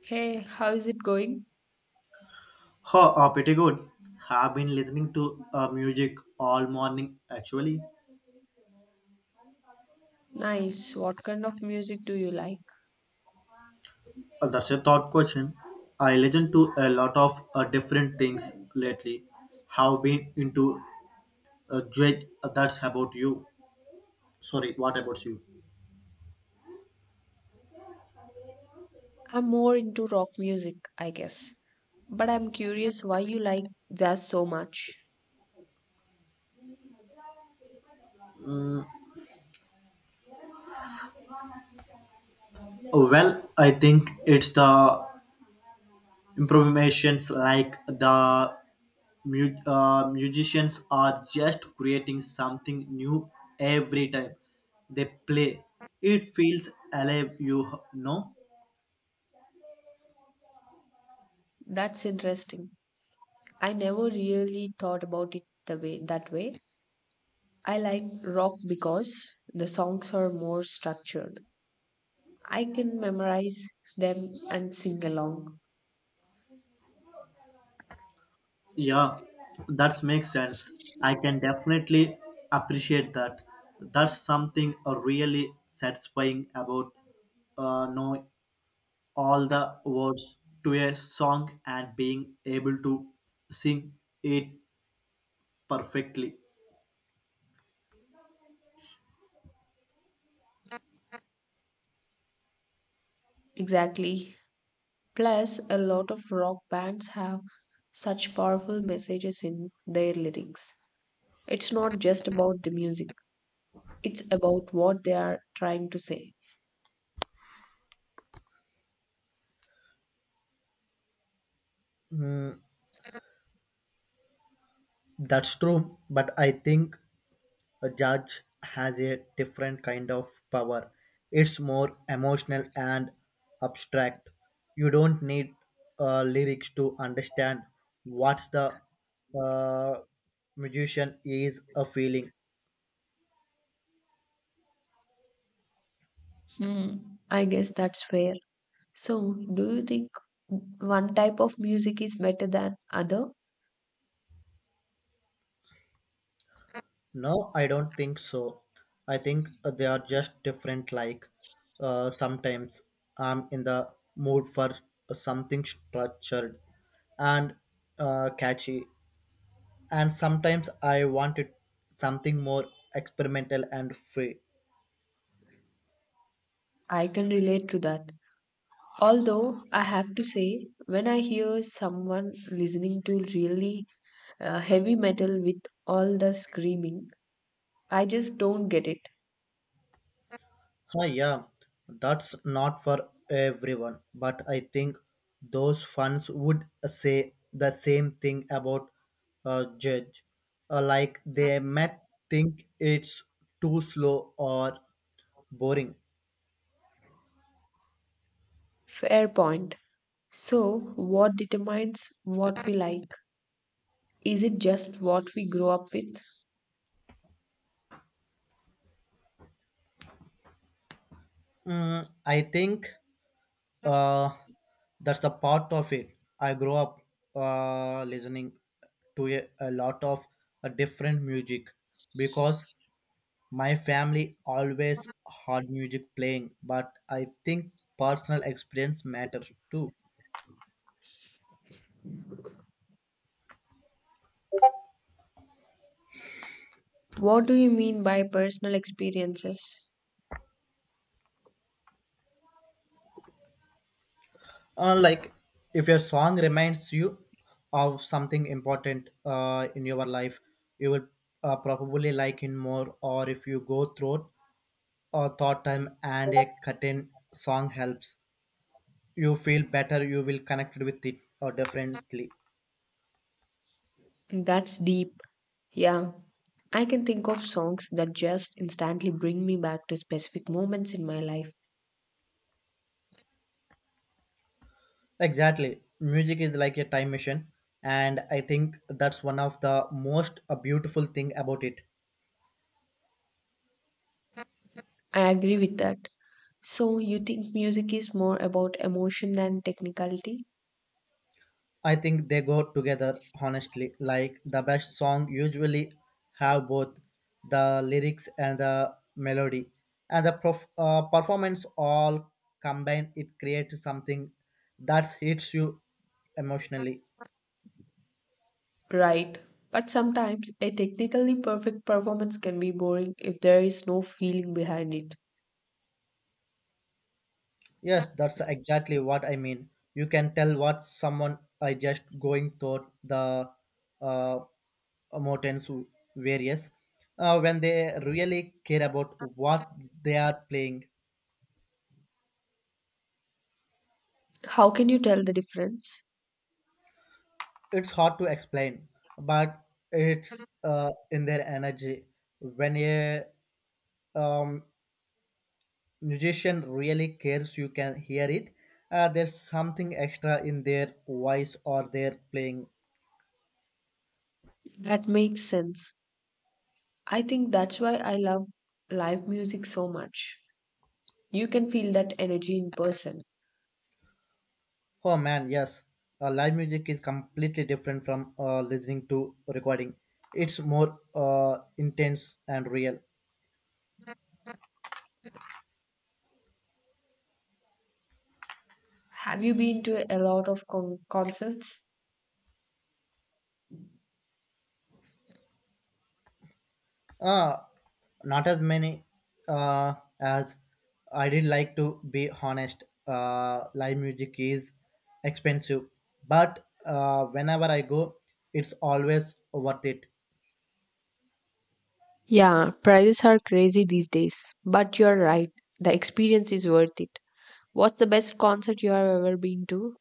Hey, how is it going? Oh, pretty good. Have been listening to music all morning actually. Nice. What kind of music do you like? That's a thought question. I listen to a lot of different things lately. Have been into Drake. That's about you. Sorry, what about you? I'm more into rock music, I guess. But I'm curious why you like jazz so much. Mm, well, I think it's the improvisations, like the musicians are just creating something new every time they play. It feels alive, know That's interesting. I never really thought about it the way that way. I like rock because the songs are more structured. I can memorize them and sing along. yeah, that makes sense. I can definitely appreciate that. That's something really satisfying about know all the words to a song and being able to sing it perfectly. Exactly. Plus, a lot of rock bands have such powerful messages in their lyrics. It's not just about the music, it's about what they are trying to say. Mm, that's true, but I think a judge has a different kind of power. It's more emotional and abstract. You don't need lyrics to understand what the uh, musician is a feeling. Hmm, I guess that's fair. So, do you think one type of music is better than other? No, I don't think so. I think they are just different. Like sometimes I'm in the mood for something structured and catchy, and sometimes I wanted something more experimental and free. I can relate to that. Although I have to say, when I hear someone listening to really heavy metal with all the screaming, I just don't get it. Hi, yeah, that's not for everyone, but I think those fans would say the same thing about Judge. Like, they might think it's too slow or boring. Fair point. So, what determines what we like? Is it just what we grow up with? I think uh, that's the part of it. I grew up listening to a lot of different music because my family always had music playing. But I think personal experience matters too. What do you mean by personal experiences? Like, if your song reminds you of something important in your life, you will probably like it more. Or if you go through a thought time and a certain song helps you feel better, you will connect with it or differently. That's deep. Yeah. I can think of songs that just instantly bring me back to specific moments in my life. Exactly, music is like a time machine, and I think that's one of the most beautiful thing about it. I agree with that. So, you think music is more about emotion than technicality? I think they go together honestly. Like, the best song usually have both the lyrics and the melody and the performance all combined. It creates something that hits you emotionally. Right. But sometimes a technically perfect performance can be boring if there is no feeling behind it. Yes, that's exactly what I mean. You can tell what someone I just going through the uh, mountains various when they really care about what they are playing. How can you tell the difference? It's hard to explain, but it's in their energy. When a um, musician really cares, you can hear it. There's something extra in their voice or their playing. That makes sense. I think that's why I love live music so much. You can feel that energy in person. Oh man, yes. Live music is completely different from listening to recording. It's more intense and real. Have you been to a lot of concerts? Uh, Not as many uh, as I did, like, to be honest. Live music is expensive, but whenever I go, it's always worth it. Yeah, prices are crazy these days, but you're right. The experience is worth it. What's the best concert you have ever been to?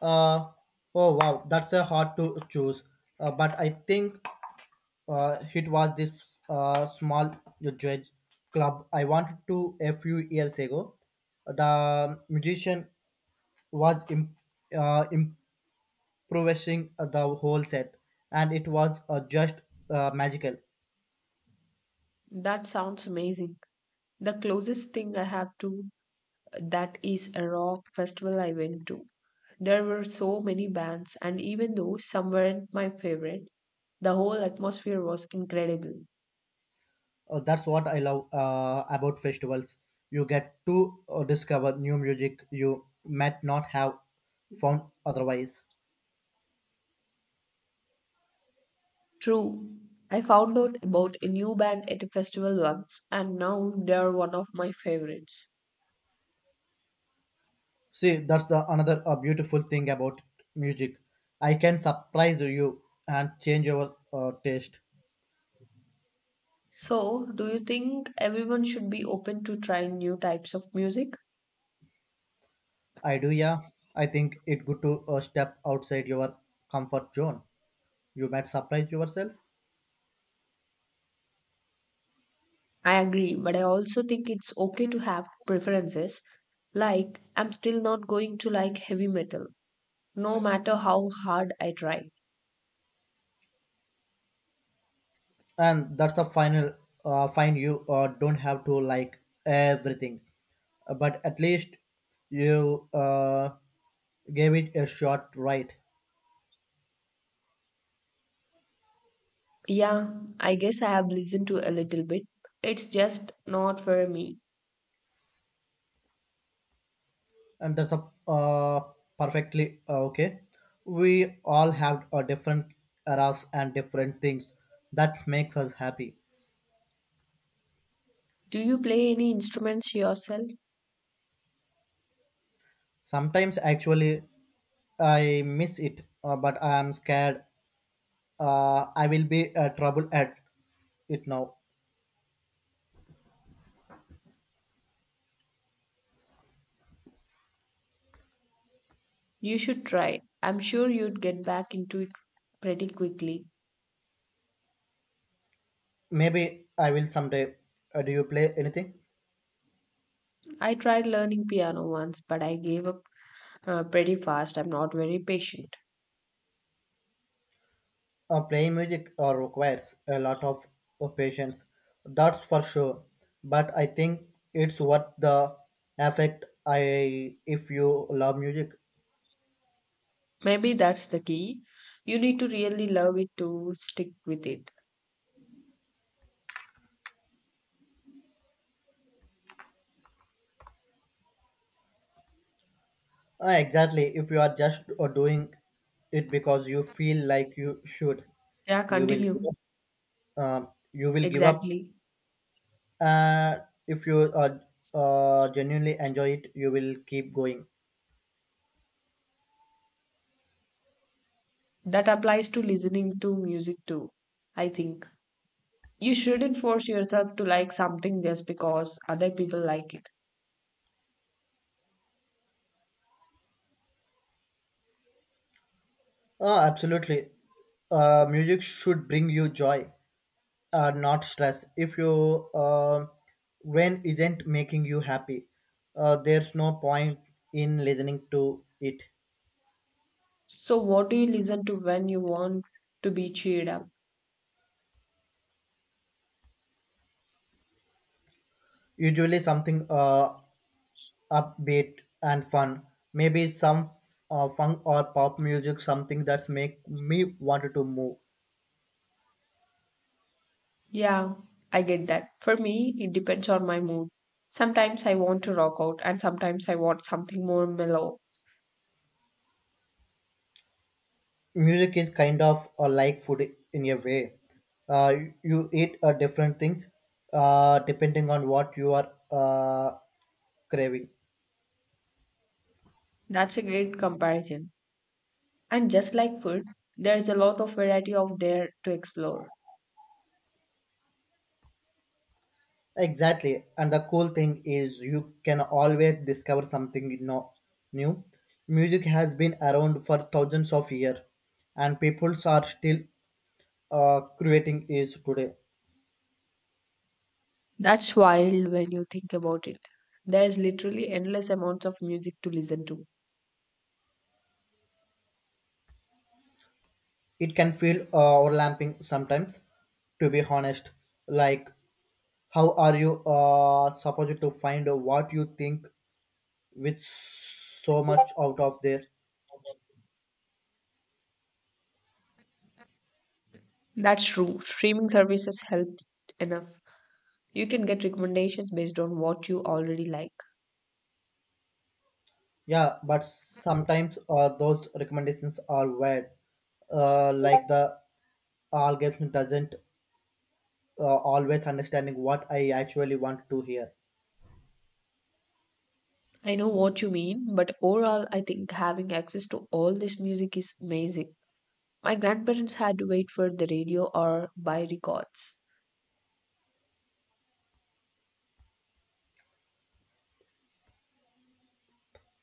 Uh, oh wow, that's a hard to choose. But I think it was this small jazz club I wanted to a few years ago. The musician was uh, improvising the whole set, and it was just magical. That sounds amazing. The closest thing I have to that is a rock festival I went to. There were so many bands, and even though some weren't my favorite, the whole atmosphere was incredible. That's what I love about festivals. You get to discover new music you might not have found otherwise. True. I found out about a new band at a festival once, and now they are one of my favorites. See, that's the another beautiful thing about music. I can surprise you and change your taste. So, do you think everyone should be open to trying new types of music? I do, yeah. I think it good to step outside your comfort zone. You might surprise yourself, I agree, but I also think it's okay to have preferences. Like, I'm still not going to like heavy metal, no matter how hard I try. and that's the final fine. You don't have to like everything. But at least you gave it a shot, right? Yeah, I guess I have listened to a little bit. It's just not for me. And that's a uh, perfectly okay. We all have different eras and different things that makes us happy. Do you play any instruments yourself? Sometimes actually I miss it, but I am scared I will be trouble at it now. You should try. I'm sure you'd get back into it pretty quickly. Maybe I will someday. Do you play anything? I tried learning piano once, but I gave up pretty fast. I'm not very patient. Playing music requires a lot of patience, that's for sure. But I think it's worth the effect. I if you love music, Maybe that's the key. You need to really love it to stick with it. Exactly. If you are just doing it because you feel like you should, Yeah, you will give continue. up. You will give up. Exactly. Uh, if you genuinely enjoy it, you will keep going. That applies to listening to music too, I think. You shouldn't force yourself to like something just because other people like it. Absolutely. Music should bring you joy, not stress. If you when isn't making you happy, there's no point in listening to it. So, what do you listen to when you want to be cheered up? Usually something upbeat and fun. Maybe some funk or pop music, something that's make me wanted to move. Yeah, I get that. For me, it depends on my mood. Sometimes I want to rock out, and sometimes I want something more mellow. Music is kind of like food in a way. uh, you eat different things depending on what you are craving. That's a great comparison. And just like food, there's a lot of variety out there to explore. Exactly. And the cool thing is, you can always discover something new. Music has been around for thousands of years and people are still creating it today. That's wild when you think about it. There's literally endless amounts of music to listen to. It can feel overlapping sometimes, to be honest. Like, how are you supposed to find what you think with so much out of there? That's true. Streaming services help enough. You can get recommendations based on what you already like. Yeah, but sometimes those recommendations are weird, like the algorithm doesn't always understanding what I actually want to hear. I know what you mean, but overall, I think having access to all this music is amazing. My grandparents had to wait for the radio or buy records.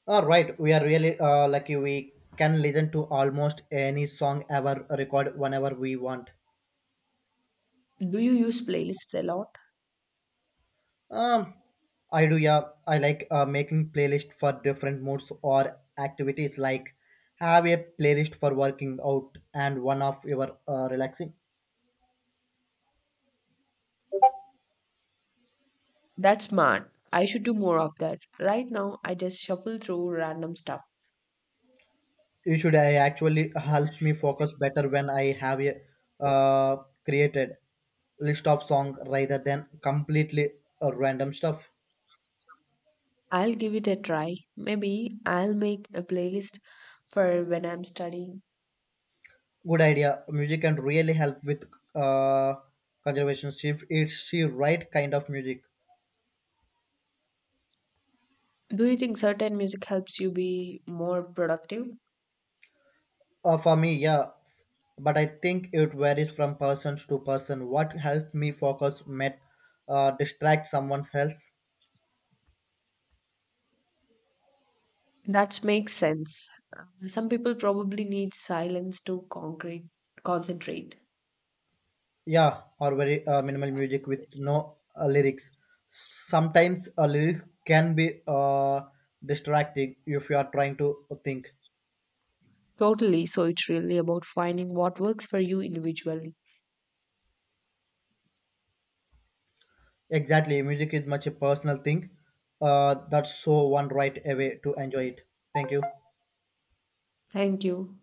All right, we are really lucky. We can listen to almost any song ever record whenever we want. Do you use playlists a lot? Um, I do, yeah. I like making playlist for different moods or activities. Like, have a playlist for working out and one of your relaxing. That's smart. I should do more of that. Right now, I just shuffle through random stuff. You should. I actually helps me focus better when I have a uh, created list of song rather than completely random stuff. I'll give it a try. Maybe I'll make a playlist for when I'm studying. Good idea, music can really help with uh, conservation if it's the right kind of music. Do you think certain music helps you be more productive? For me, yeah, but I think it varies from person to person. What helped me focus might distract someone else. That makes sense. Some people probably need silence to concentrate. Yeah, or very minimal music with no lyrics. Sometimes lyrics can be distracting if you are trying to think. Totally, so it's really about finding what works for you individually. Exactly, music is much a personal thing. That's so one right away to enjoy it. Thank you. Thank you.